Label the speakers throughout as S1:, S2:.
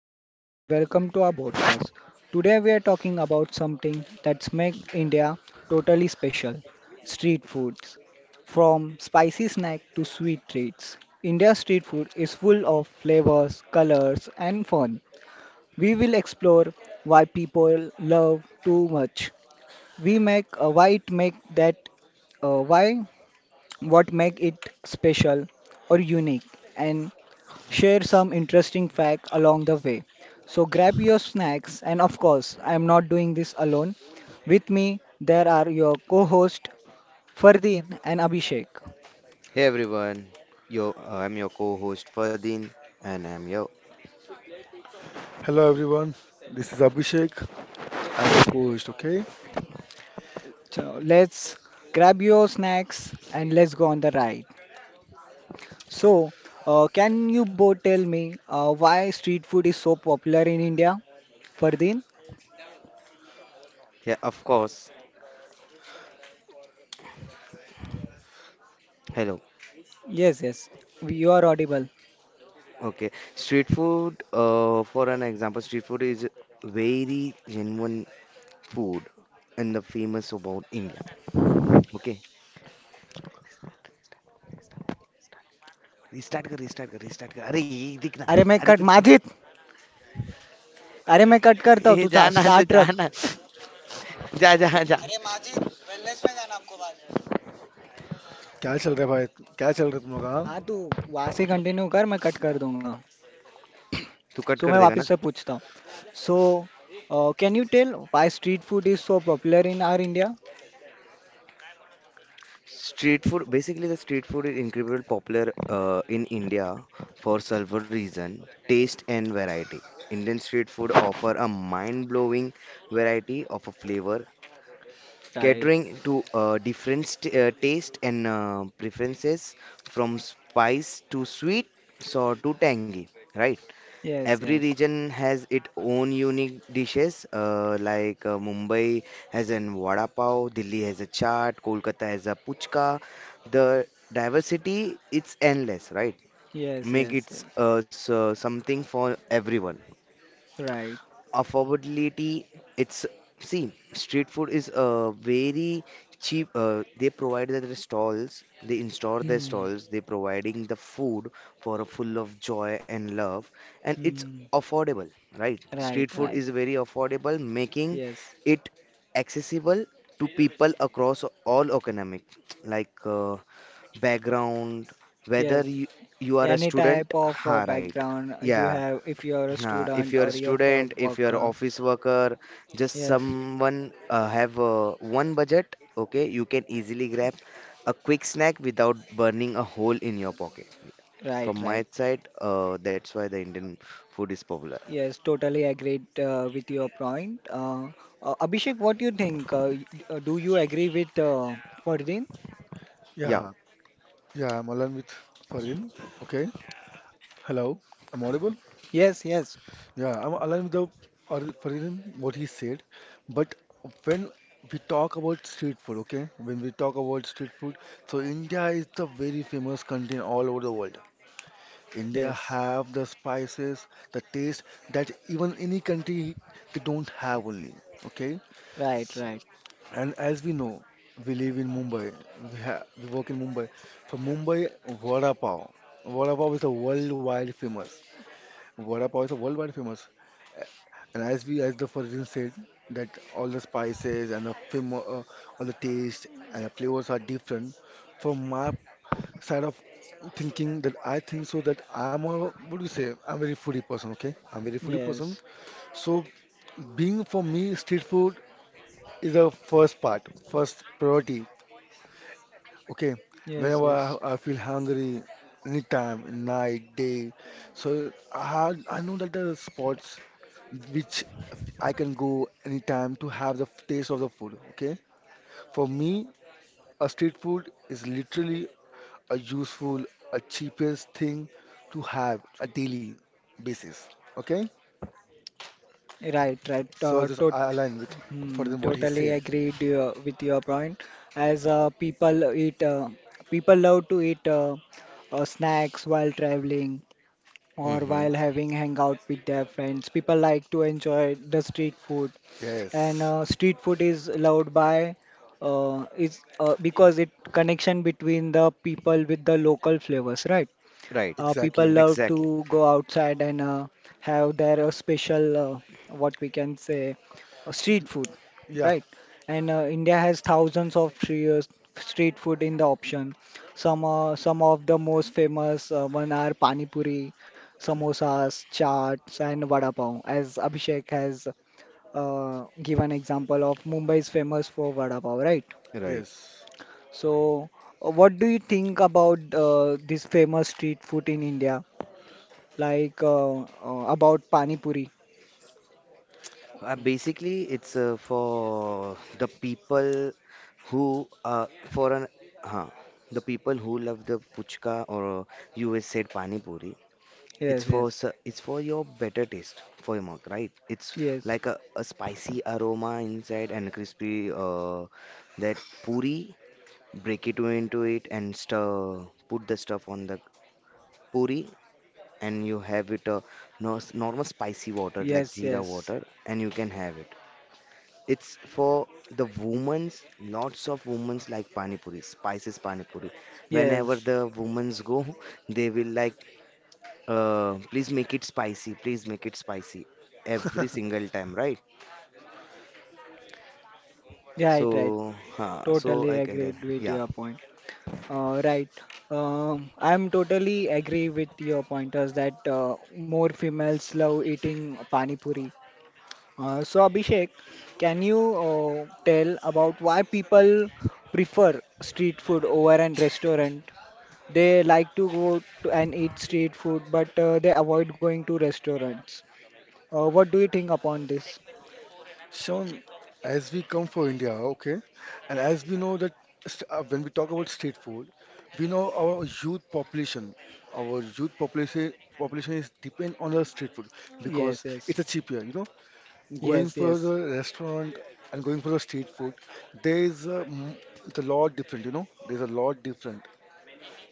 S1: Shravan and welcome to our podcast. Today we are talking about something that's make India totally special, street foods. From spicy snack to sweet treats, India's street food is full of flavors, colors and fun. We will explore why people love too much. We make why it make that why what make it special or unique and share some interesting fact along the way. So grab your snacks and of course I am not doing this alone. With me there are your co-host Fardeen and Abhishek.
S2: Hey everyone, yo, I'm your co-host Ferdin, and I'm your.
S3: Hello everyone, this is Abhishek. I am the host. Okay.
S1: So let's grab your snacks and let's go on the ride. So, can you both tell me why street food is so popular in India? Fardeen?
S2: Yeah, of course. Hello.
S1: Yes, yes. You are audible.
S2: Okay, street food. For an example, street food is very genuine food and the famous about India. Okay, restart कर, restart कर, restart कर. अरे ये दिखना,
S1: अरे मैं
S2: अरे
S1: cut
S2: तू छोड़,
S1: माझीच अरे मैं कट करता हूँ
S2: ये
S1: तू
S2: जाना तो
S1: स्टार्ट रख
S2: जाना, जा जा जा.
S1: अरे माजी वेलनेस में जाना हमको बाद
S3: क्या चल रहा है भाई? क्या चल रहा है तुम लोग?
S1: में।
S3: हाँ.
S1: हाँ तू वहाँ से कंटिन्यू कर मैं कट कर दूंगा
S2: तू कट
S1: सो
S2: कर
S1: मैं
S2: देगा ना?
S1: वापस से पूछता हूँ so can you tell why street food is so popular in our India
S2: Street food, basically the street food is incredibly popular in India for several reason: taste and variety. Indian street food offer a mind-blowing variety of a flavor,
S1: right
S2: catering to different st taste and preferences from spice to sweet, sour to tangy, right?
S1: Yes
S2: Every
S1: yes
S2: region has its own unique dishes. Like Mumbai has an vada pav, Delhi has a chaat, Kolkata has a puchka. The diversity it's endless, right?
S1: Yes
S2: Make
S1: yes
S2: it
S1: yes
S2: so something for everyone,
S1: right
S2: affordability, it's, see street food is very cheap, they provide their stalls, they install their
S1: hmm
S2: stalls, they providing the food for a full of joy and love, and it's
S1: hmm
S2: affordable, right? Street
S1: right
S2: food
S1: right
S2: is very affordable, making
S1: yes
S2: it accessible to people across all economic, like, background, whether
S1: yes
S2: you are a
S1: any
S2: student,
S1: type of
S2: ha, right,
S1: background you
S2: yeah,
S1: have if you are a
S2: if
S1: student
S2: you're a
S1: और you are a
S2: student, if you're
S1: worker
S2: office worker, just
S1: yes
S2: someone have one budget, okay, you can easily grab a quick snack without burning a hole in your pocket. From
S1: right right
S2: my side, that's why the Indian food is popular.
S1: Yes, totally agreed with your point. Abhishek, what do you think? Do you agree with Fardeen?
S2: Yeah.
S3: Yeah, yeah, I am align with Fardeen. Okay. Hello, I am audible.
S1: Yes, yes,
S3: yeah, I am align with Fardeen what he said. But when we talk about street food, okay, when we talk about street food, so India is the very famous country all over the world. India
S1: yes.
S3: have the spices, the taste that even any country they don't have only. Okay.
S1: Right, right.
S3: And as we know, we live in Mumbai. We work in Mumbai. For Mumbai, vada pav. Vada pav is a worldwide famous. Vada pav is a worldwide famous. A- And as we, as the Farzin said, that all the spices and the fam all the taste and the flavors are different. From my side of thinking, that I think so that I'm a, what do you say, I'm a very foodie person. Okay, I'm very foodie person.
S1: Yes,
S3: So, being for me, street food is the first part, first priority. Okay,
S1: yes,
S3: whenever
S1: yes.
S3: I feel hungry, anytime, night, day, so I know that there are spots which I can go anytime to have the taste of the food. Okay, for me, a street food is literally a useful, a cheapest thing to have a daily basis. Okay,
S1: Right, right.
S3: so I just I align with for them what he
S1: Totally
S3: said.
S1: agreed with your point. As uh, people eat, uh, people love to eat snacks while traveling, or
S2: Mm-hmm.
S1: while having hangout with their friends. People like to enjoy the street food, and
S3: Yes,
S1: street food is loved by is because it connection between the people with the local flavors, right?
S2: Right.
S1: People
S3: exactly.
S1: love
S2: Exactly.
S1: to go outside and have their special, what we can say, street food,
S3: Yeah,
S1: right? And India has thousands of free, street food in the option. Some of the most famous one are pani puri, samosas, chaats, and vada pav. As Abhishek has given example of Mumbai is famous for vada pav, right?
S2: Right.
S3: yes.
S1: So, what do you think about this famous street food in India? Like about pani puri.
S2: Basically, it's for the people who for an huh, the people who love the puchka or you always said pani puri.
S1: Yes,
S2: It's for
S1: yes,
S2: s- it's for your better taste for your mouth, right? It's
S1: yes,
S2: like a spicy aroma inside and crispy that puri. Break it into it and stir. Put the stuff on the puri, and you have it a no normal spicy water like
S1: yes,
S2: jeera
S1: yes,
S2: water, and you can have it. It's for the women's. Lots of women's like pani puri, spices pani puri. Whenever
S1: yes.
S2: the women's go, they will like please make it spicy. Please make it spicy every single time, right?
S1: Right, right.
S2: So
S1: Totally
S2: I can
S1: agree
S2: there.
S1: with
S2: Yeah,
S1: your point. Right. I'm totally agree with your pointers that more females love eating pani puri. So Abhishek, can you tell about why people prefer street food over an restaurant? They like to go to and eat street food, but they avoid going to restaurants. What do you think upon this?
S3: Sean, as we come for India, okay, and as we know that when we talk about street food, we know our youth population is depend on the street food because
S1: Yes,
S3: it's
S1: yes,
S3: a cheaper, you know, going
S1: yes,
S3: for
S1: yes,
S3: the restaurant and going for the street food, there is a, m- it's a lot different, you know, there's a lot different.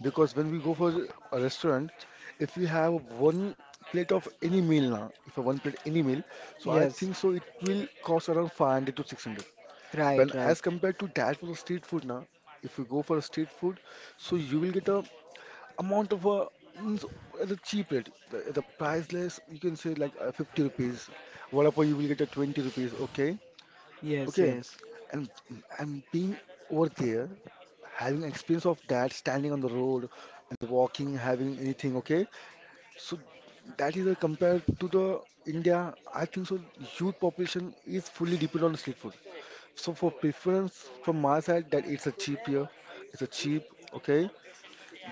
S3: Because when we go for a restaurant, if we have one plate of any meal now, if a one plate any meal, so I
S1: yes.
S3: think so it will cost around 500 to 600.
S1: Right,
S3: When
S1: right.
S3: as compared to that for the street food now, if you go for a street food, so you will get a amount of a means at a cheap rate. The price less, you can say like 50 rupees. What you will get a 20 rupees, okay?
S1: Yes,
S3: Okay.
S1: yes,
S3: And and being over there, having experience of that standing on the road and walking having anything, okay, so that is a compared to the India, I think so youth population is fully dependent on street food. So for preference from my side, that it's a cheap here, it's a cheap. Okay.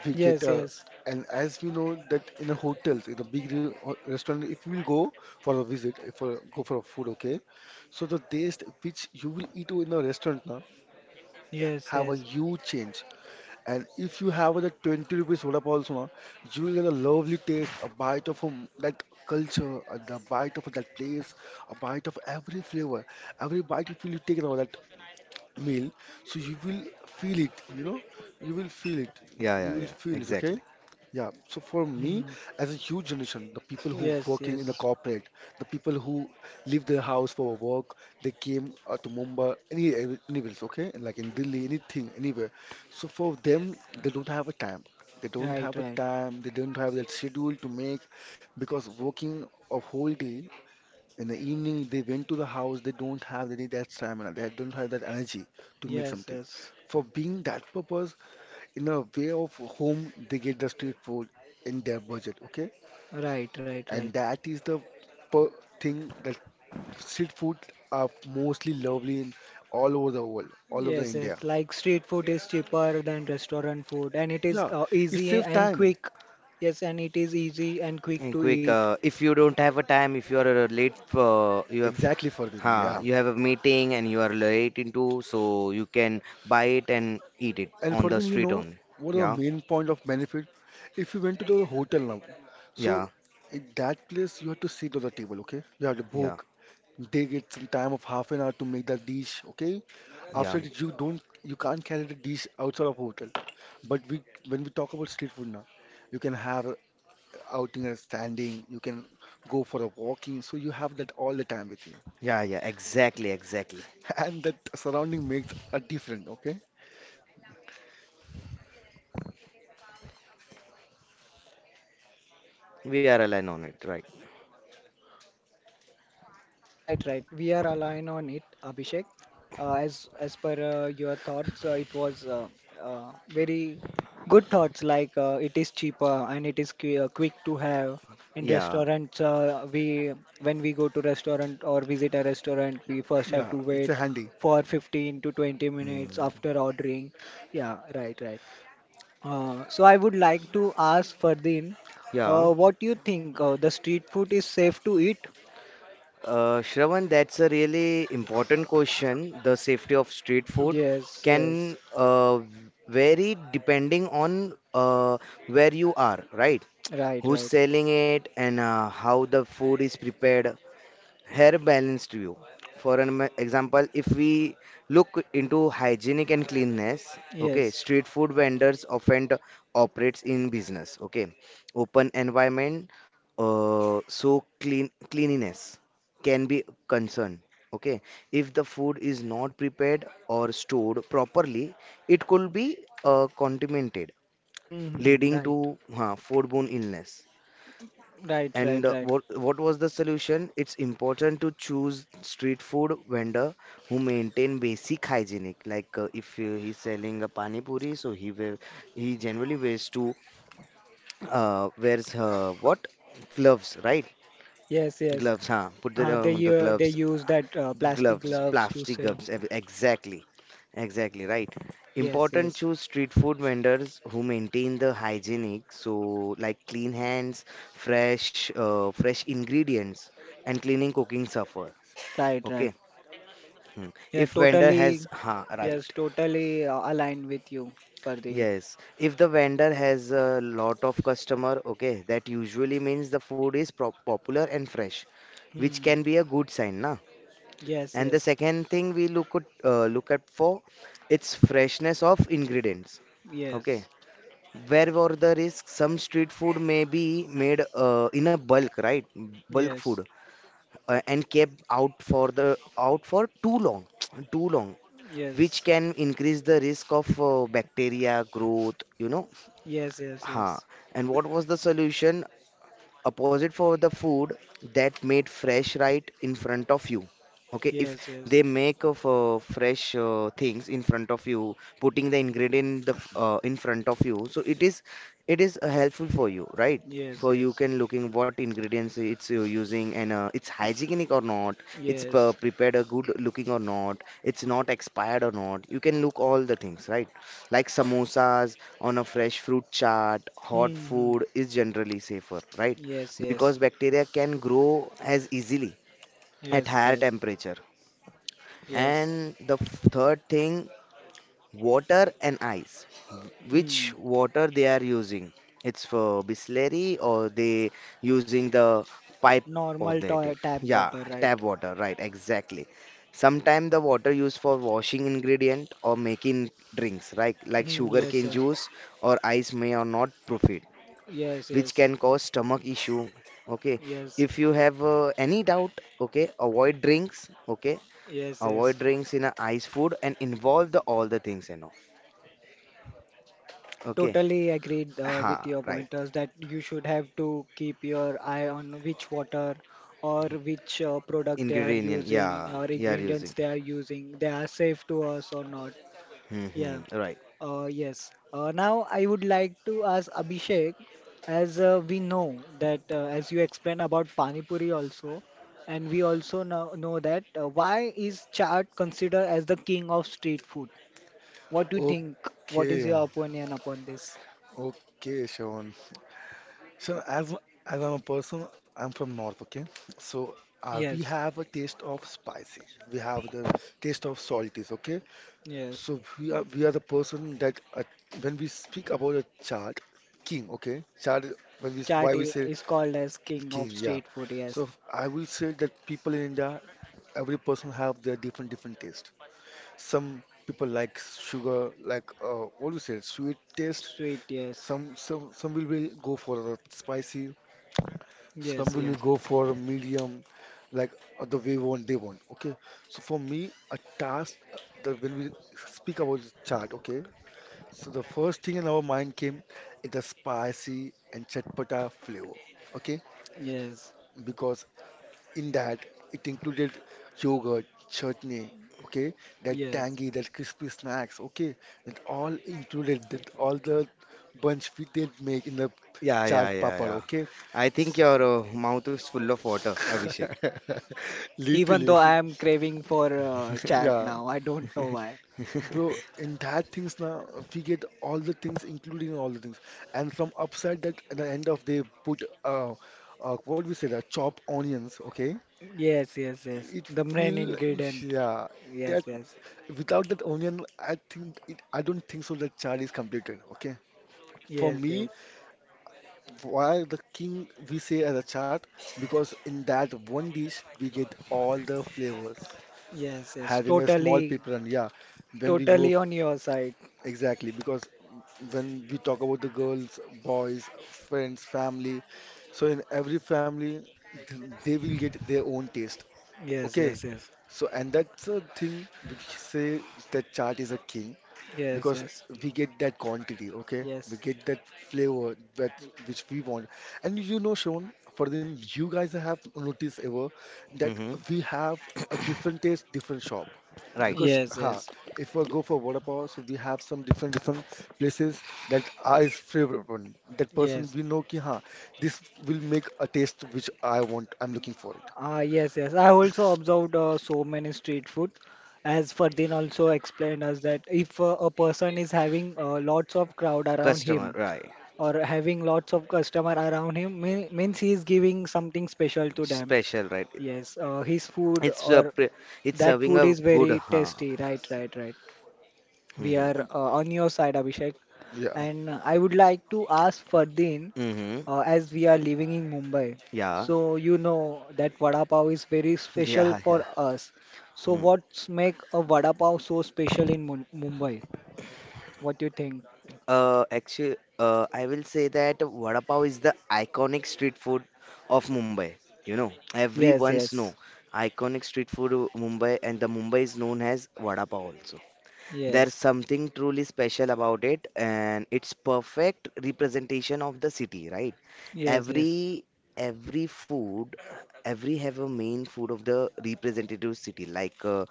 S3: We get
S1: yes,
S3: a,
S1: yes,
S3: and as we know that in the hotels, in the big restaurant, if you will go for a visit, if for go for a food, okay, so the taste which you will eat in a restaurant now
S1: yes,
S3: have a
S1: yes.
S3: huge change. And if you have the 20 rupees soda pop also, na, you will get a lovely taste, a bite of that culture, the bite of that place, a bite of every flavor. Every bite, if you take it, now, that meal, so you will feel it, you know, you will feel it,
S2: yeah,
S3: you
S2: yeah,
S3: will
S2: yeah,
S3: feel it, okay?
S2: exactly.
S3: Yeah, so for me,
S1: Hmm.
S3: as a huge generation, the people who
S1: Yes,
S3: working in the
S1: yes.
S3: corporate, the people who leave their house for work, they came to Mumbai, anywhere, okay? Like in Delhi, anything, anywhere. So for them, they don't have a time. They don't
S1: Right,
S3: have a
S1: right.
S3: time. They don't have that schedule to make because working a whole day in the evening, they went to the house. They don't have any that stamina. They don't have that energy to make
S1: Yes,
S3: something.
S1: yes.
S3: For being that purpose, in a way of home, they get the street food in their budget. Okay,
S1: Right, right, right.
S3: and that is the per thing that street food are mostly lovely in all over the world, all over the
S1: Yes,
S3: India.
S1: yes. Like street food is cheaper than restaurant food, and it is
S3: Yeah, it
S1: easy
S3: saves
S1: and
S3: time
S1: quick. Yes, and it is easy and quick
S2: And
S1: to
S2: quick,
S1: eat.
S2: if you don't have a time, if you are late, you have,
S3: exactly for them.
S2: huh,
S3: Yeah.
S2: you have a meeting and you are late into, so you can buy it and eat it
S3: And
S2: on the
S3: further, you
S2: street
S3: know
S2: only.
S3: what are
S2: Yeah,
S3: the main point of benefit? If you went to the hotel now,
S2: yeah,
S3: so in that place you have to sit on the table, okay? You have to
S2: yeah,
S3: book. They get some time of half an hour to make that dish, okay?
S2: yeah,
S3: After that, you can't carry the dish outside of hotel. But we, when we talk about street food now, you can have a outing and standing. You can go for a walking. So you have that all the time with you,
S2: yeah, yeah, exactly, exactly.
S3: and that surrounding makes a difference, okay?
S2: We are aligned on it, right?
S1: Right, right. We are aligned on it, Abhishek. As per your thoughts, it was very good thoughts. Like it is cheaper and it is quick to have in
S2: Yeah,
S1: restaurants. We When we go to restaurant or visit a restaurant, we first have
S3: Yeah,
S1: to
S3: it's a
S1: wait
S3: handy.
S1: for 15 to 20 minutes
S2: hmm,
S1: after ordering. Yeah, right, right. So I would like to ask Fardeen,
S2: yeah.
S1: what do you think? The street food is safe to eat?
S2: Shravan, that's a really important question. The safety of street food
S1: Yes, yes.
S2: can vary depending on where you are, right?
S1: Right,
S2: Who's
S1: right.
S2: selling it and how the food is prepared, hair balanced view. For an example, if we look into hygienic and cleanness, okay,
S1: Yes.
S2: street food vendors often operates in business, okay, open environment, so cleanliness can be concern. Okay, if the food is not prepared or stored properly, it could be contaminated,
S1: Hmm.
S2: leading
S1: Right.
S2: to foodborne illness.
S1: Right. Right.
S2: And
S1: Right.
S2: what was the solution? It's important to choose street food vendor who maintain basic hygienic. Like if he's selling a pani puri, so he generally wears what gloves, right?
S1: Yes. Yes.
S2: Gloves, huh? Put
S1: Uh,
S2: the,
S1: they
S2: um, the
S1: uh, they
S2: gloves,
S1: use that plastic
S2: gloves,
S1: gloves to
S2: plastic
S1: sell.
S2: gloves. Exactly, exactly right.
S1: Yes.
S2: Important
S1: Yes.
S2: choose street food vendors who maintain the hygienic, so like clean hands, fresh ingredients, and cleaning cooking suffer.
S1: Right. Right.
S2: Okay. Hmm.
S1: Yeah.
S2: If vendor has,
S1: Totally. Yes.
S2: right.
S1: Totally aligned with you, Fardeen.
S2: Yes, if the vendor has a lot of customer, okay, that usually means the food is pro popular and fresh, which can
S1: Hmm.
S2: be a good sign, na?
S1: Yes.
S2: And the
S1: Yes.
S2: second thing we look at for its freshness of ingredients. Okay,
S1: Yes.
S2: where were the risks? Some street food may be made in a bulk, right? Bulk
S1: Yes.
S2: food, and kept out for the out for too long, too long, which
S1: Yes.
S2: can increase the risk of bacteria growth. You know,
S1: Yes. Yes.
S2: huh?
S1: Yes.
S2: And what was the solution? Opposite for the food that made fresh right in front of you. Okay, if
S1: Yes.
S2: they make of fresh things in front of you, putting the ingredient, in front of you, so it is helpful for you, right?
S1: Yes. Yes.
S2: For you
S1: Yes.
S2: can looking what ingredients it's using and it's hygienic or not, it's
S1: Yes.
S2: prepared a good looking or not, it's not expired or not, you can look all the things, right? Like samosas on a fresh fruit chart, hot
S1: Hmm. Hmm.
S2: food is generally safer, right?
S1: Yes.
S2: Because
S1: Yes.
S2: bacteria can grow as easily at
S1: Yes.
S2: higher
S1: Yes.
S2: temperature.
S1: Yes.
S2: And the third thing, water and ice. Which
S1: Hmm.
S2: water they are using? It's for Bisleri or they using the pipe of
S1: Normal
S2: the it.
S1: tap
S2: Yeah,
S1: water,
S2: tap
S1: right?
S2: water, right, exactly. Sometimes the water used for washing ingredient or making drinks, right, like
S1: Hmm, yes,
S2: sugarcane
S1: yes,
S2: juice or ice may or not profit,
S1: yes,
S2: which can
S1: yes,
S2: cause stomach issue. Okay,
S1: yes,
S2: if you have any doubt, okay, avoid drinks, okay,
S1: yes, yes.
S2: avoid drinks in a ice food and involve the all the things, you know, okay,
S1: Totally agreed
S2: ha,
S1: with your
S2: right,
S1: pointers that you should have to keep your eye on which water or which product they are
S2: ingredient,
S1: using
S2: yeah,
S1: or
S2: you are
S1: ingredients
S2: using.
S1: they are using. They are safe to us or not.
S2: Hmm,
S1: Yeah.
S2: hmm, right,
S1: Yes. Now I would like to ask Abhishek, as we know that as you explain about Pani Puri also, and we also know that why is chaat considered as the king of street food? What do you think? What is
S3: Okay.
S1: your opinion upon this?
S3: Okay, Sean. So, as I'm a person, I'm from North, okay? So, we
S1: Yes,
S3: have a taste of spicy. We have the taste of salties, okay?
S1: yes.
S3: So we are the person that, when we speak about a chart king, okay? Chart, when we,
S1: Chaat
S3: why we
S1: i-
S3: say
S1: is called as king
S3: king,
S1: of
S3: yeah.
S1: street food. Yes,
S3: So I will say that people in India, every person have their different different taste. Some people like sugar, like, what do you say, sweet taste.
S1: street. Yes,
S3: Some will go for the spicy, some
S1: yes,
S3: will
S1: yes,
S3: go for a medium, like, the way want they want. Okay. So for me, a task, that when we speak about the chart, okay. So the first thing in our mind came is the spicy and chatpata flavor. Okay.
S1: yes,
S3: Because in that it included yogurt, chutney, okay, that
S1: yes.
S3: tangy, that crispy snacks, okay, that all included, that all the bunch we did make in the
S2: yeah, yeah,
S3: chaat
S2: yeah,
S3: papad,
S2: yeah.
S3: okay.
S2: I think your mouth is full of water, Abhishek.
S1: Even
S3: Literally,
S1: though
S3: if
S1: I
S3: you,
S1: am craving for chaat
S3: yeah,
S1: now, I don't know why.
S3: bro. In that things now, we get all the things, including all the things, and from upside that at the end of they put, what we say, that chopped onions, okay.
S1: Yes, yes, yes.
S3: It
S1: The main
S3: feel,
S1: ingredient.
S3: yeah. That,
S1: Yes, yes.
S3: without that onion, I think it, I don't think so that chart is completed. Okay. For
S1: Yes,
S3: me,
S1: yes.
S3: why the king we say as a chart? Because in that one dish we get all the flavors.
S1: Yes, yes.
S3: Having a small
S1: Totally,
S3: pepper, yeah, when we go,
S1: totally on your side.
S3: exactly, because when we talk about the girls, boys, friends, family, so in every family, they will get their own taste.
S1: Yes,
S3: Okay.
S1: yes, yes.
S3: So, and that's a thing we say that chart is a king
S1: Yes,
S3: because
S1: yes.
S3: we get that quantity, okay? We
S1: Yes.
S3: get that flavor that which we want. And you know, Sean, for them, you guys have noticed ever that
S2: Hmm,
S3: we have a different taste, different shop.
S2: right,
S3: Because
S1: Yes,
S3: ha,
S1: yes,
S3: if we go for water power, so we have some different different places that are is favorite one. That person
S1: yes.
S3: we know, ki ha, this will make a taste which I want, I'm looking for it.
S1: Ah, yes, yes. I also observed so many street food. As Ferdinand also explained us that if a person is having lots of crowd around
S2: customer,
S1: him
S2: right,
S1: or having lots of customer around him, means he is giving something special to them.
S2: special, right,
S1: Yes, his food
S2: it's uh,
S1: or
S2: pre- it's
S1: that
S2: serving
S1: food
S2: a
S1: is
S2: good,
S1: very
S2: huh,
S1: tasty. Right, right, right. We
S2: hmm,
S1: are
S3: Like,
S1: on your side, Abhishek.
S3: yeah,
S1: And I would like to ask Fardeen,
S2: hmm, hmm,
S1: as we are living in Mumbai,
S2: yeah,
S1: so you know that vada pav is very special
S2: yeah, yeah.
S1: for us. So
S2: Hmm.
S1: what's make a vada pav so special in Mun Mumbai? What do you think?
S2: Actually, I will say that vada pav is the iconic street food of Mumbai. You know,
S1: Yes,
S2: everyone's know
S1: yes,
S2: iconic street food of Mumbai, and the Mumbai is known as vada pav also. There's
S1: yes,
S2: something truly special about it, and it's perfect representation of the city, right?
S1: yes, yes,
S2: Every every food, every have a main food of the representative city, like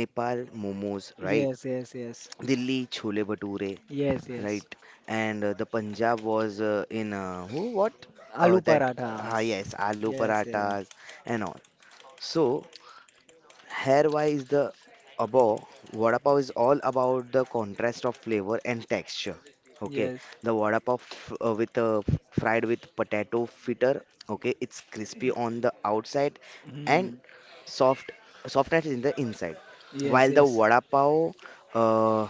S2: Nepal momos, right?
S1: yes, yes, yes,
S2: Delhi chole bhature.
S1: yes, yes.
S2: Right. And the Punjab was in who what
S1: Aloo
S2: that,
S1: parathas.
S2: yes, aloo
S1: Yes, yeah,
S2: parathas and all. So here why is the above vada pav is all about the contrast of flavor and texture. Okay,
S1: yes.
S2: the vada pav with fried with potato fritter. Okay, it's crispy
S1: Mm,
S2: on the outside and
S1: mm.
S2: soft softness in the inside,
S1: Yes,
S2: while the
S1: yes.
S2: vada pav uh,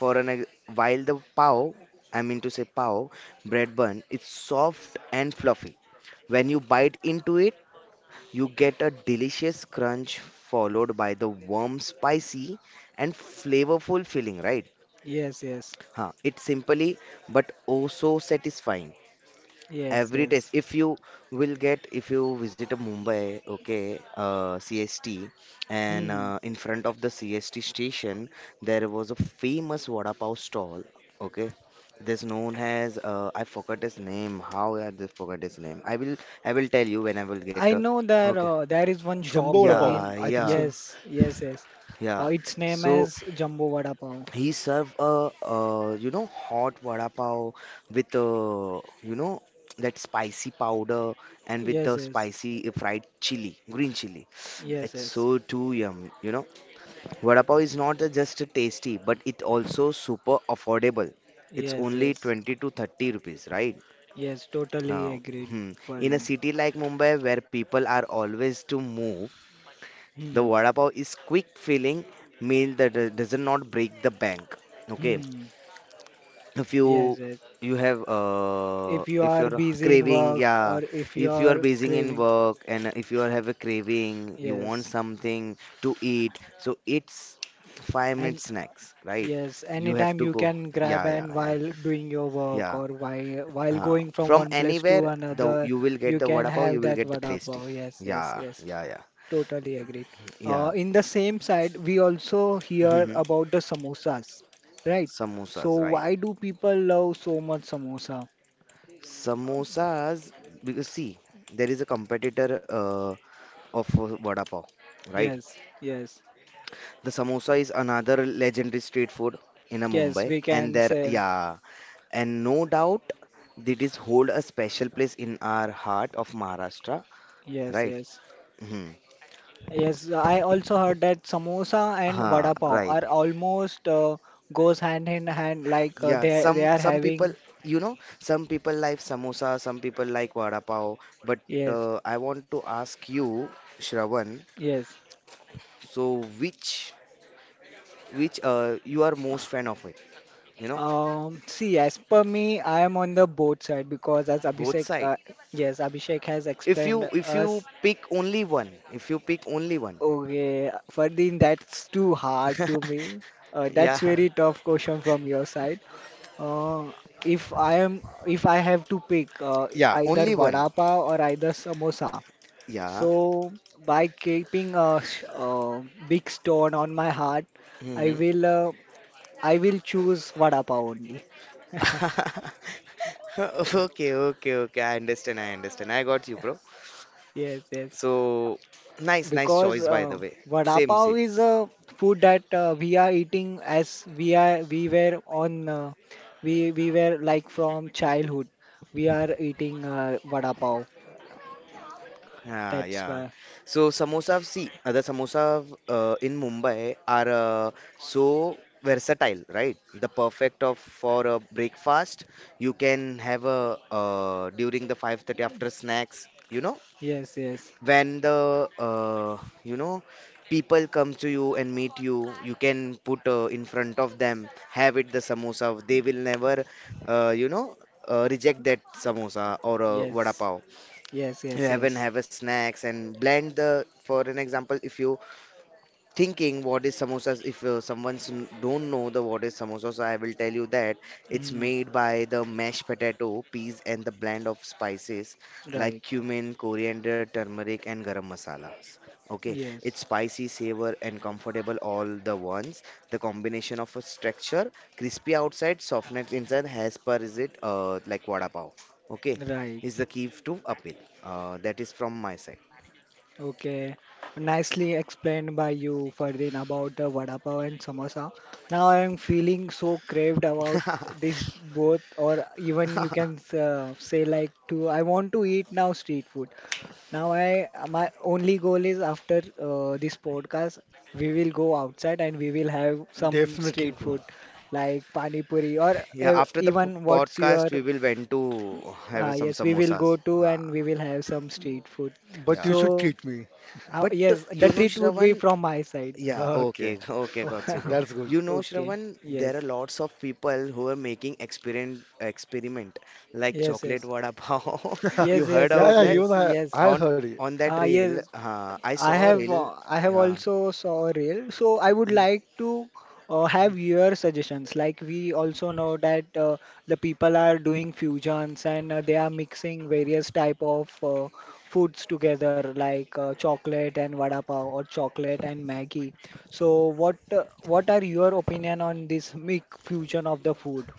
S2: for an ex- while the pav, I mean to say pav bread bun, it's soft and fluffy. When you bite into it, you get a delicious crunch followed by the warm, spicy and flavorful filling, right?
S1: Yes, yes,
S2: It's simply but oh so satisfying
S1: yes,
S2: every test.
S1: yes.
S2: If you will get, if you visit a Mumbai, okay, CST, and
S1: Hmm.
S2: in front of the CST station, there was a famous vada pav stall. Okay, this known as, I forgot his name, how I just forgot his name. I will tell you when I will
S1: I
S2: get,
S1: know that
S2: okay.
S1: there is one
S3: Jumbo
S1: shop
S3: Vada Pav,
S2: Yeah,
S1: in
S3: I think
S2: yeah,
S3: so.
S1: yes, yes, yes.
S2: yeah.
S1: Its name
S2: So
S1: is Jumbo Vada Pav.
S2: he served a hot vada pav with that spicy powder, and with
S1: Yes,
S2: the
S1: yes,
S2: spicy fried chili, green chili.
S1: yes,
S2: It's
S1: yes,
S2: so too yum. Vada pav is not a just tasty, but it also super affordable. It's
S1: yes,
S2: only
S1: yes,
S2: 20 to 30 rupees, right?
S1: yes. Totally
S2: Uh,
S1: agreed,
S2: hmm. In a
S1: Farin.
S2: city like Mumbai, where people are always to move, the
S1: Hmm.
S2: vada pav is quick filling meal that doesn't not break the bank. Okay,
S1: Hmm.
S2: if you
S1: Yes, yes.
S2: you have,
S1: If you
S2: if
S1: are
S2: you're
S1: busy in
S2: craving,
S1: work
S2: yeah,
S1: or if you
S2: if you are
S1: are
S2: busy in
S1: craving,
S2: work and if you are have a craving, you want
S1: yes,
S2: something to eat, so it's 5 minute
S1: and
S2: snacks, right?
S1: Yes,
S2: You have
S1: anytime
S2: to
S1: you
S2: go,
S1: can grab
S2: yeah, yeah,
S1: and
S2: yeah,
S1: while doing your work
S2: yeah,
S1: or while going from
S2: from
S1: one place to
S2: anywhere the
S1: another,
S2: you will get
S1: you
S2: the
S1: can
S2: vada pav, you
S1: have
S2: will
S1: that
S2: get the
S1: vada
S2: tasty,
S1: pav. Yes, yes,
S2: yeah,
S1: yes.
S2: yeah, yeah,
S1: Totally agreed.
S2: yeah.
S1: In the same side, we also hear
S2: Mhm.
S1: about the samosas, right? So
S2: Samosas, right.
S1: why do people love so much samosa?
S2: Samosas, because see, there is a competitor of vada pav, right?
S1: Yes, yes,
S2: The samosa is another legendary street food in a
S1: yes.
S2: Mumbai,
S1: We
S2: and
S1: can
S2: there,
S1: say
S2: yeah, and no doubt it is hold a special place in our heart of Maharashtra,
S1: yes,
S2: right?
S1: yes.
S2: Hmm.
S1: Yes, I also heard that samosa and
S2: Huh,
S1: vada pav
S2: right.
S1: are almost goes hand in hand like
S2: Yeah,
S1: they
S2: some
S1: are
S2: some people
S1: having
S2: some people like samosa, some people like vada pav, but
S1: yes,
S2: I want to ask you, Shravan,
S1: yes.
S2: so which you are most fan of it? You know,
S1: See, as per me I am on the both side because as
S2: both
S1: Abhishek
S2: side.
S1: yes, Abhishek has
S2: If
S1: explained
S2: you if you
S1: us.
S2: pick only one, if you pick only one,
S1: Okay Fardeen, that's too hard to me. That's
S2: yeah,
S1: very tough question from your side. uh, if I have to pick
S2: yeah,
S1: either
S2: only
S1: vada
S2: one,
S1: pav or either samosa.
S2: yeah.
S1: So, by keeping a big stone on my heart, I
S2: Hmm.
S1: will uh, I will choose vada pav only.
S2: Okay, okay, okay. I understand. I understand. I got you, bro.
S1: Yes, yes.
S2: So nice, nice
S1: Because
S2: choice, by the way.
S1: vada
S2: Same,
S1: pav
S2: same.
S1: is a food that we are eating as we are we were like from childhood. We are eating vada pav.
S2: Ah,
S1: That's
S2: yeah.
S1: why.
S2: So samosa, see, the samosa in Mumbai are so versatile, right? The perfect of for a breakfast. You can have a during the 5:30 after snacks
S1: Yes, yes,
S2: when the people come to you and meet you, you can put in front of them, have it the samosa. They will never, uh, you know, reject that samosa or vada
S1: yes,
S2: pav
S1: yes,
S2: you
S1: yes,
S2: have and
S1: yes.
S2: have a snacks and blend the for an example if you thinking what is samosas if someone's don't know the what is samosas. I will tell you that it's
S1: Mm,
S2: made by the mashed potato peas and the blend of spices like
S1: right.
S2: cumin, coriander, turmeric and garam masalas. Okay,
S1: Yes,
S2: it's spicy, savor and comfortable all the ones. The combination of a structure, crispy outside, softness inside, has per is it like vada pav, okay,
S1: right.
S2: is the key to appeal. That is from my
S1: Okay, nicely explained by you, Ferdin, about the vada pav and samosa. Now I am feeling so craved about
S2: side.
S1: this both, or even you can say like to I want to eat now street food. Now I my only goal is after this podcast we will go outside and we will have some
S3: Definitely,
S1: street
S3: bro.
S1: food like pani puri or
S2: Yeah, after the
S1: even what's your
S2: podcast, we will went to have some
S1: yes, we will go
S2: samosas.
S1: to and
S2: Ah,
S1: we will have some street food.
S3: But you
S2: yeah.
S3: should
S1: So.
S3: treat me.
S2: But
S1: Yes, the treat would be
S2: Shravan,
S1: from my side.
S2: yeah, okay,
S3: Okay.
S2: okay, got you,
S1: Oh,
S2: bro.
S3: That's good.
S2: You know,
S1: okay.
S2: Shravan, there are
S1: Yes.
S2: lots of people who are making experiment like
S1: Yes,
S2: chocolate
S1: yes.
S2: vada pav. You
S1: Yes,
S2: heard
S1: yes,
S3: Yeah,
S1: yes,
S2: about
S3: yeah,
S2: that
S3: even
S1: yes,
S3: I,
S1: yes.
S3: I
S2: on
S3: heard it.
S2: on
S1: Ah,
S2: that reel?
S1: yes.
S2: I saw a reel.
S1: I have
S2: Yeah.
S1: also saw a reel. So I would
S2: Mm,
S1: like to have your suggestions. Like we also know that the people are doing fusions and they are mixing various type of foods together, like chocolate and vada pav or chocolate and Maggi. So what are your opinion on this mix fusion of the food?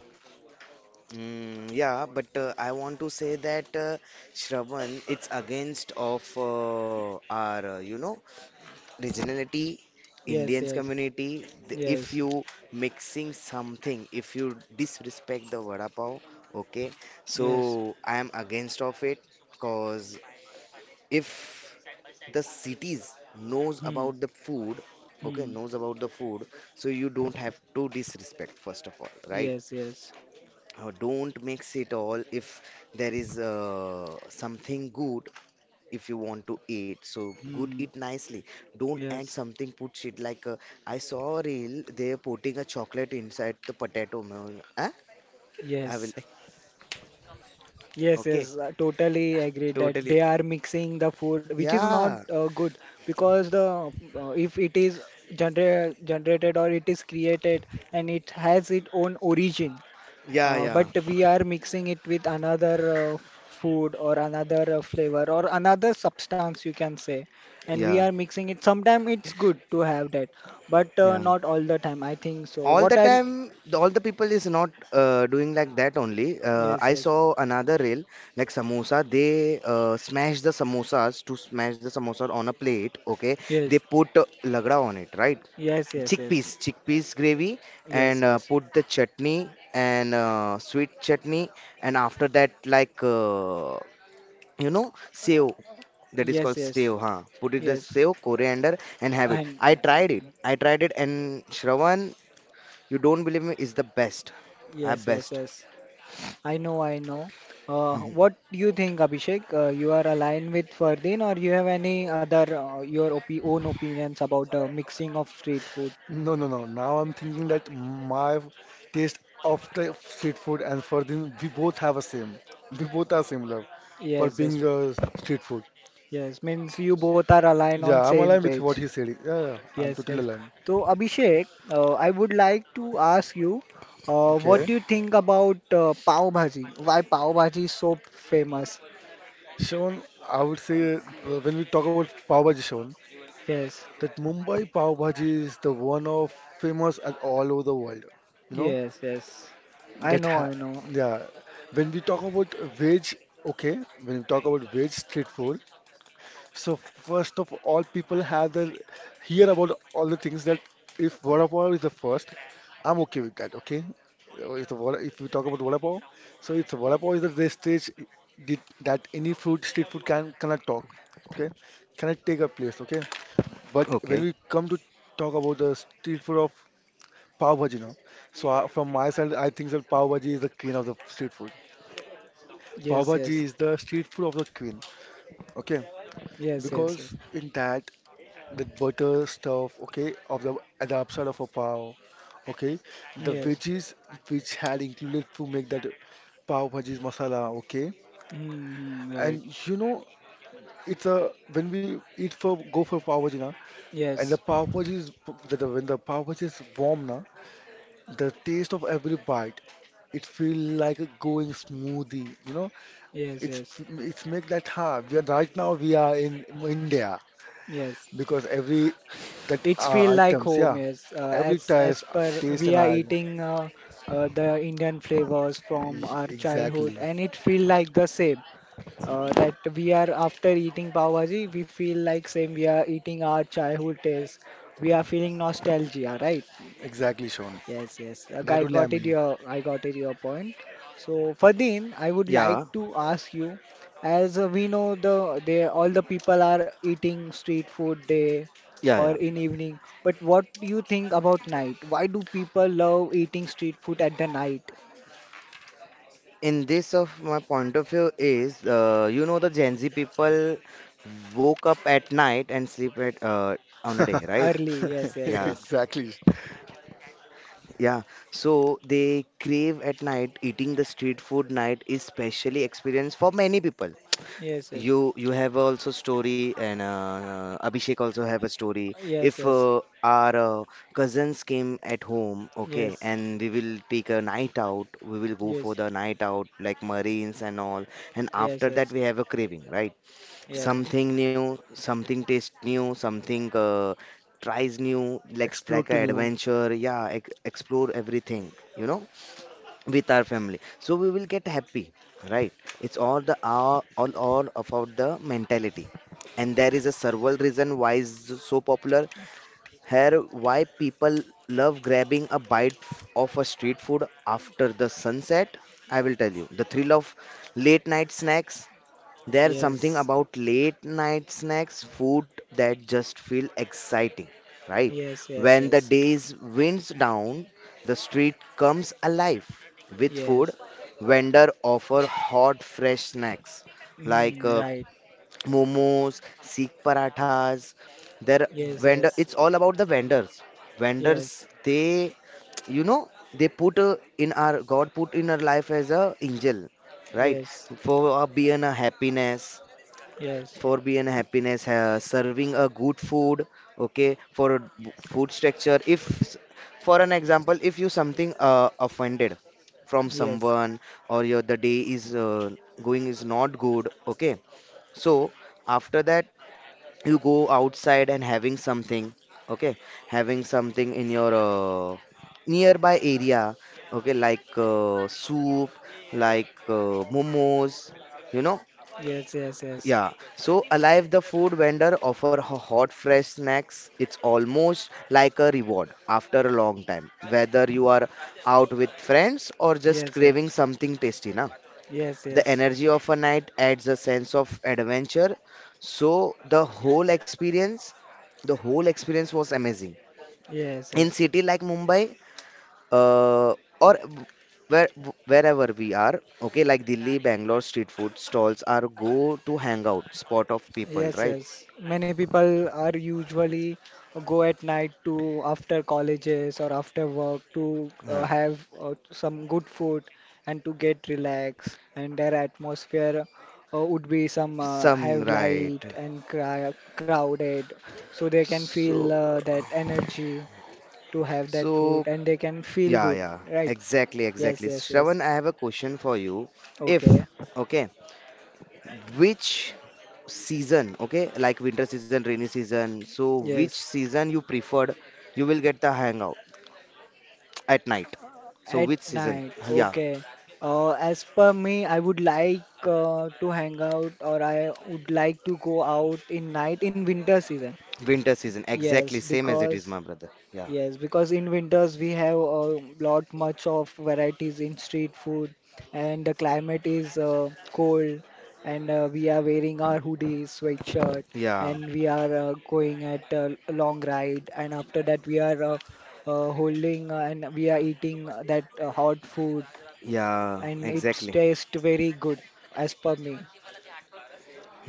S2: yeah, but I want to say that Shravan, it's against of regionality,
S1: Yes,
S2: indians
S1: yes,
S2: community, if
S1: yes,
S2: you mixing something, if you disrespect the vada pav, okay, so
S1: yes.
S2: I am against of it cause if the cities knows
S1: Hmm,
S2: about the food, okay,
S1: hmm.
S2: knows about the food, so you don't have to disrespect first of all, right?
S1: Yes, yes.
S2: Don't mix it all. If there is something good, if you want to eat. So good
S1: Hmm.
S2: it nicely. Don't add
S1: Yes,
S2: something. Put it like I saw a reel, they're putting a chocolate inside the potato, man. Huh? I will
S1: yes.
S2: like,
S1: Yes,
S2: okay.
S1: yes, I totally agree that
S2: Totally.
S1: they are mixing the food, which is not
S2: Yeah.
S1: good, because the if it is generated or it is created and it has its own origin,
S2: Yeah, yeah.
S1: but we are mixing it with another food or another flavor or another substance you can say, and we
S2: Yeah.
S1: are mixing it. Sometimes it's good to have that, but
S2: Yeah.
S1: not all the time. I think so.
S2: All the time, all the people is not doing like that only. Uh,
S1: Yes,
S2: I
S1: yes,
S2: saw another reel like samosa, they smash the samosas, to smash the samosa on a plate, okay, they
S1: yes,
S2: put lagda on it, right,
S1: yes, yes, yes, yes,
S2: chickpeas, chickpeas gravy,
S1: yes,
S2: and
S1: yes,
S2: put the chutney and sweet chutney, and after that like you know sev, that is
S1: yes,
S2: called sev,
S1: yes.
S2: huh, put it the
S1: Yes,
S2: sev, coriander, and have it.
S1: and
S2: I
S1: I,
S2: tried it, I tried it, and Shravan, you don't believe me, is the best. At
S1: yes, yes,
S2: best.
S1: yes. I know, I know. What do you think, Abhishek? You are aligned with Ferdin, or you have any other your opi own opinions about mixing of street food?
S3: No, no, no. Now I'm thinking that my taste of the street food and for them, we both have a same. We both are similar for
S1: Yes,
S3: being,
S1: yes,
S3: street food.
S1: yes. Means you both are aligned on
S3: Yeah, I'm
S1: same
S3: aligned with what
S1: page.
S3: he said. Yeah, yeah, yeah. I'm
S1: Yes,
S3: totally
S1: yes.
S3: aligned.
S1: So Abhishek, I would like to ask you, what
S3: Okay.
S1: do you think about pav bhaji? Why pav bhaji is so famous?
S3: Sean, I would say, when we talk about Pav Bhaji, Sean,
S1: Yes,
S3: that Mumbai Pav Bhaji is the one of famous at all over the world. You know?
S1: yes, yes. I
S3: That
S1: know,
S3: ha,
S1: I know.
S3: yeah. When we talk about veg, okay, when we talk about veg street food, so first of all, people have their hear about all the things that if vada pav is the first, I'm okay with that. Okay, if the vada, if we talk about vada pav, so it's vada pav is the best stage did, that any food street food can cannot talk. Okay, cannot take a place. Okay, but when
S2: Okay.
S3: we come to talk about the street food of Pav bhaji, no? So I, from my side, I think that pav bhaji is the queen of the street food. Pav
S1: Yes, yes,
S3: bhaji is the street food of the queen. Okay,
S1: yes, yes, yes,
S3: because in that the butter stuff, okay, of the at the upside of a pav, okay, the
S1: yes.
S3: veggies which had included to make that pav bhaji's masala, okay,
S1: Mm-hmm, right.
S3: and you know it's a when we eat for go for pav bhaji, na, and the
S1: Yes,
S3: pav bhaji is that when the pav bhaji is warm, na, the taste of every bite it feel like a going smoothie, you know.
S1: yes,
S3: It's
S1: yes,
S3: it's make that, huh, we are right now we are in India
S1: yes.
S3: because every that,
S1: It's feel like
S3: items, yeah,
S1: home, yes. Uh,
S3: every
S1: as as
S3: taste
S1: per
S3: taste
S1: we
S3: and
S1: are
S3: I,
S1: eating the Indian flavors from our childhood,
S3: exactly,
S1: and it feel like the same. That we are after eating pav bhaji, we feel like same. We are eating our childhood taste. We are feeling nostalgia, right?
S3: exactly, Sean,
S1: Yes, yes. Like,
S3: that only I mean.
S1: I got it your point. So Fadin, I would like
S2: Yeah.
S1: to ask you, as we know the they all the people are eating street food day
S2: Yeah,
S1: or
S2: yeah.
S1: in evening, but what do you think about night? Why do people love eating street food at the night?
S2: In this of my point of view is you know the Gen Z people woke up at night and sleep at on a day, right?
S1: Early, yes, yes,
S2: Yeah,
S1: yes.
S3: Exactly.
S2: yeah. So they crave at night eating the street food. Night is specially experienced for many people.
S1: Yes, yes.
S2: You have also story and Abhishek also have a story.
S1: Yes,
S2: If
S1: yes.
S2: our cousins came at home, okay,
S1: Yes.
S2: and we will take a night out, we will go for
S1: Yes.
S2: the night out like Marines and all. And after
S1: Yes,
S2: that,
S1: yes.
S2: we have a craving, right?
S1: Yes. Yes.
S2: Something new, something taste new, something tries new, like
S3: Explode to
S2: an
S3: new.
S2: adventure. Yeah, ex explore everything, you know, with our family, so we will get happy, right? It's all the all about the mentality, and there is a several reason why is so popular here, why people love grabbing a bite of a street food after the sunset. I will tell you, the thrill of late night snacks, there's something about late night snacks, food, that just feel exciting, right?
S1: Yes, yes,
S2: When the
S1: yes.
S2: days winds down, the street comes alive with food.
S1: Yes.
S2: Vendor offer hot fresh snacks like
S1: Mm, right.
S2: momos, Sikh parathas. Their
S1: Yes,
S2: vendor,
S1: yes.
S2: it's all about the vendors.
S1: Yes.
S2: Vendors, they, you know, they put in our God, put in our life as a angel, right?
S1: Yes,
S2: For being a happiness,
S1: yes,
S2: for being happiness serving a good food, okay, for a food structure, if for an example, if you something offended from
S1: yes,
S2: someone or your the day is going is not good, okay, so after that you go outside and having something, okay, having something in your nearby area, okay, like soup, like momos, you know.
S1: yes, yes, yes,
S2: Yeah, so alive the food vendor offer hot fresh snacks. It's almost like a reward after a long time. Whether you are out with friends or just craving
S1: yes,
S2: something tasty, na.
S1: yes, yes,
S2: The
S1: yes,
S2: energy of a night adds a sense of adventure. So the whole experience was amazing.
S1: yes,
S2: In
S1: yes.
S2: city like Mumbai, uh, or w- where wherever we are, okay, like Delhi, Bangalore, street food stalls are go to hangout spot of people,
S1: Yes,
S2: right?
S1: yes. Many people are usually go at night to after colleges or after work to
S2: Huh.
S1: have some good food and to get relaxed. And their atmosphere would be some
S2: Some
S1: have
S2: right.
S1: light and cry crowded, so they can feel
S2: So,
S1: that energy to have that
S2: so
S1: food and they can feel
S2: yeah,
S1: good,
S2: yeah,
S1: right?
S2: exactly,
S1: Yes,
S2: exactly.
S1: yes, yes.
S2: Shravan, I have a question for you. If,
S1: Okay.
S2: okay, which season, okay, like winter season, rainy season, so which
S1: Yes.
S2: season you preferred, you will get the hangout at night. So
S1: At
S2: which season?
S1: night.
S2: Yeah,
S1: Okay. As per me, I would like to hang out or I would like to go out in night in winter season.
S2: winter season, exactly
S1: Yes,
S2: same as it is,
S1: because
S2: my brother. Yeah,
S1: yes, because in winters we have a lot much of varieties in street food, and the climate is cold, and we are wearing our hoodies, sweatshirt,
S2: yeah,
S1: and we are going at a long ride, and after that we are holding and we are eating that hot food,
S2: yeah,
S1: and it
S2: exactly.
S1: tastes very good as per me,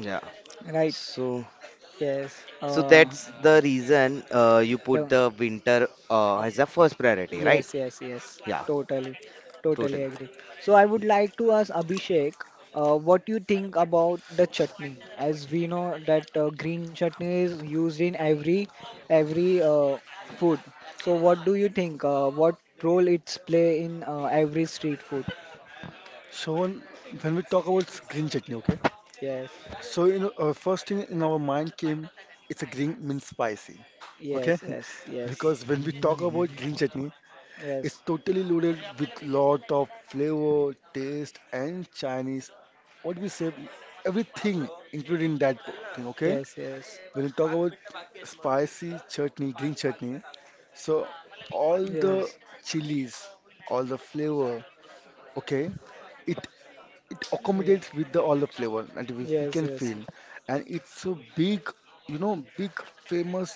S2: Yeah.
S1: right?
S2: So.
S1: Yes,
S2: So that's the reason you put
S1: the
S2: the winter as a first priority, right?
S1: Yes, yes, yes.
S2: Yeah,
S1: Totally, totally
S2: totally.
S1: agree. So I would like to ask Abhishek, what you think about the chutney? As we know that green chutney is used in every every uh, food. So what do you think? What role it's play in every street food?
S3: Sean, when we talk about, green chutney, okay,
S1: Yes,
S3: so, first thing in our mind came, it's a green means spicy, okay.
S1: yes, yes, yes,
S3: Because when we talk about green chutney, it's
S1: yes,
S3: totally loaded with lot of flavor, taste, and Chinese. What we say, everything included in that, thing. Okay.
S1: yes, yes,
S3: When we talk about spicy chutney, green chutney, so all the
S1: yes,
S3: chilies, all the flavor. Okay. It it
S1: yeah,
S3: accommodates with the all the flavor that we
S1: yes,
S3: can
S1: yes,
S3: feel, and it's a big, you know, big famous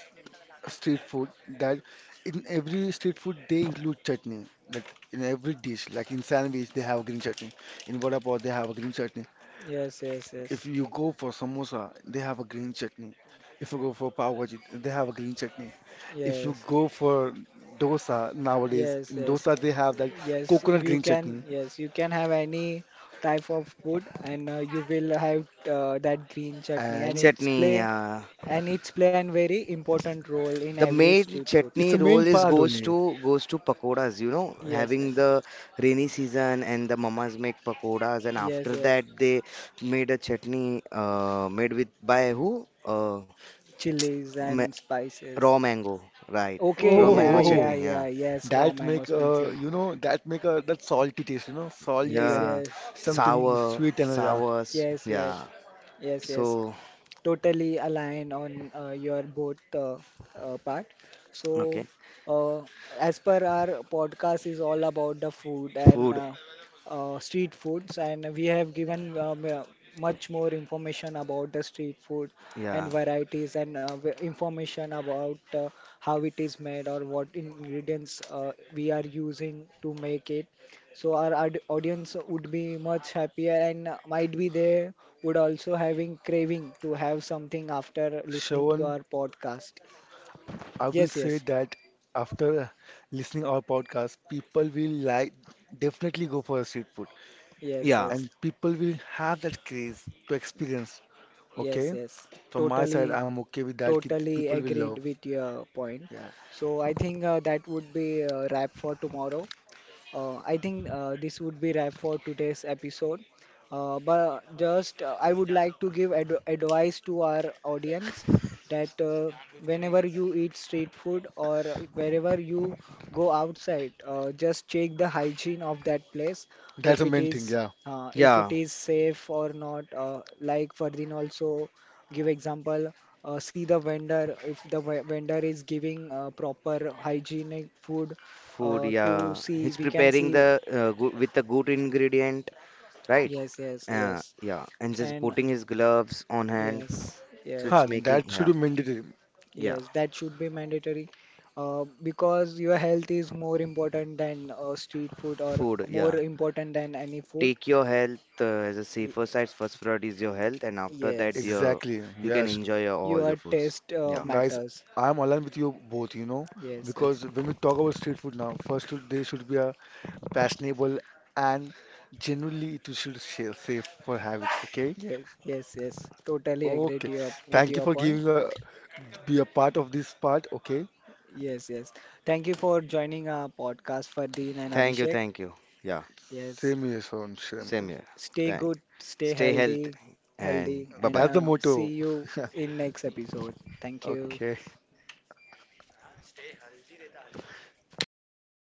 S3: street food that in every street food they include chutney. Like in every dish, like in sandwich they have green chutney. In vada pav they have a green chutney.
S1: yes, yes,
S3: If
S1: yes,
S3: you go for samosa, they have a green chutney. If you go for pav bhaji, they have a green chutney. If you
S1: yes.
S3: go for dosa nowadays,
S1: Yes,
S3: in
S1: yes,
S3: dosa they have that
S1: yes.
S3: coconut
S1: You
S3: green
S1: can,
S3: chutney,
S1: yes, you can have any type of food, and you will have that green chutney,
S3: and
S2: Chutney, yeah.
S1: and it's play a very important role in
S2: The
S1: every
S2: main
S1: street food.
S3: it's a
S2: chutney
S3: main
S2: role is
S3: part
S2: goes
S3: only.
S2: to goes to pakoras, you know,
S1: Yes,
S2: having
S1: yes,
S2: the rainy season, and the mamas make pakoras, and
S1: yes,
S2: after
S1: yes.
S2: that they made a chutney made with by who?
S1: Chilies
S2: Ma
S1: and spices.
S2: raw mango, right?
S1: Okay,
S2: Raw mango
S1: yeah, yeah,
S3: Oh,
S2: chutney, yeah,
S1: yeah. Yes, raw
S3: that
S1: mango
S3: make,
S1: spicy.
S3: that make a that salty taste, you know, salty
S1: Yes,
S3: and
S2: yeah,
S1: yes,
S3: something
S2: sour,
S3: sweet and, yeah.
S2: sour,
S1: yes, yes,
S2: yeah.
S1: yes, yes.
S2: So,
S1: Totally align on your both part.
S2: okay,
S1: So, uh, as per our podcast is all about the food and
S2: food,
S1: street foods, and we have given much more information about the street food and
S2: yeah,
S1: varieties and information about how it is made or what ingredients we are using to make it. So our audience would be much happier and might be they would also having craving to have something after listening to
S3: Shravan,
S1: our podcast.
S3: I will
S1: Yes,
S3: say
S1: yes,
S3: that after listening our podcast, people will like definitely go for a street food,
S1: yes,
S2: yeah,
S1: yes,
S3: and people will have that craze to experience.
S1: yes,
S3: Okay?
S1: yes.
S3: From my side,
S1: Totally,
S3: I'm okay with that. Ki
S1: totally
S3: people will
S1: agreed
S3: love.
S1: with your point.
S3: Yeah.
S1: So I think that would be a wrap for tomorrow. I think this would be wrap for today's episode. But just I would like to give ad advice to our audience that whenever you eat street food or wherever you go outside, just check the hygiene of that place
S3: That's the
S1: if it
S3: main thing.
S1: is
S3: Yeah.
S1: if it
S2: yeah,
S1: is safe or not. Like Ferdinand also give example. See the vendor if the vendor is giving proper hygienic food
S2: food,
S1: to
S2: yeah.
S1: see
S2: He's
S1: we can
S2: preparing
S1: see
S2: the with a good ingredient, right?
S1: yes, yes, yes,
S2: Yeah, and just
S1: and
S2: putting his gloves on hand,
S1: yes,
S2: so
S1: yes,
S3: Huh,
S2: it's making,
S3: that should be
S2: yeah,
S3: mandatory.
S2: yeah,
S1: yes, that should be mandatory, because your health is more important than street food or
S2: food,
S1: more
S2: yeah.
S1: important than any food,
S2: Take your health as a
S1: y
S2: safer side. First priority is your health, and after that,
S1: yes,
S2: your
S3: Exactly.
S2: you can
S3: Yes.
S2: enjoy your, all your
S1: your
S2: foods.
S1: taste
S2: Yeah,
S3: Guys,
S1: matters.
S3: I'm aligned with you both, you know,
S1: Yes, yes,
S3: because when we talk about street food now, first they should be a fashionable and genuinely it should, safe for habit. Okay.
S1: yes, yes, yes, totally agree
S3: Okay.
S1: to your, with
S3: Thank you
S1: your
S3: for
S1: point.
S3: giving a be a part of this part. Okay.
S1: Yes, yes, thank you for joining our podcast, Fardeen and
S2: thank you,
S1: Abhishek.
S2: thank you. Yeah,
S1: Yes,
S3: Same here, son. Same here.
S2: same here.
S1: stay
S2: Thank.
S1: good, stay
S2: Stay healthy,
S1: healthy,
S2: and
S1: healthy,
S2: bye
S1: and
S2: bye.
S3: That's the motto.
S1: see you in next episode. Thank you.
S3: Okay.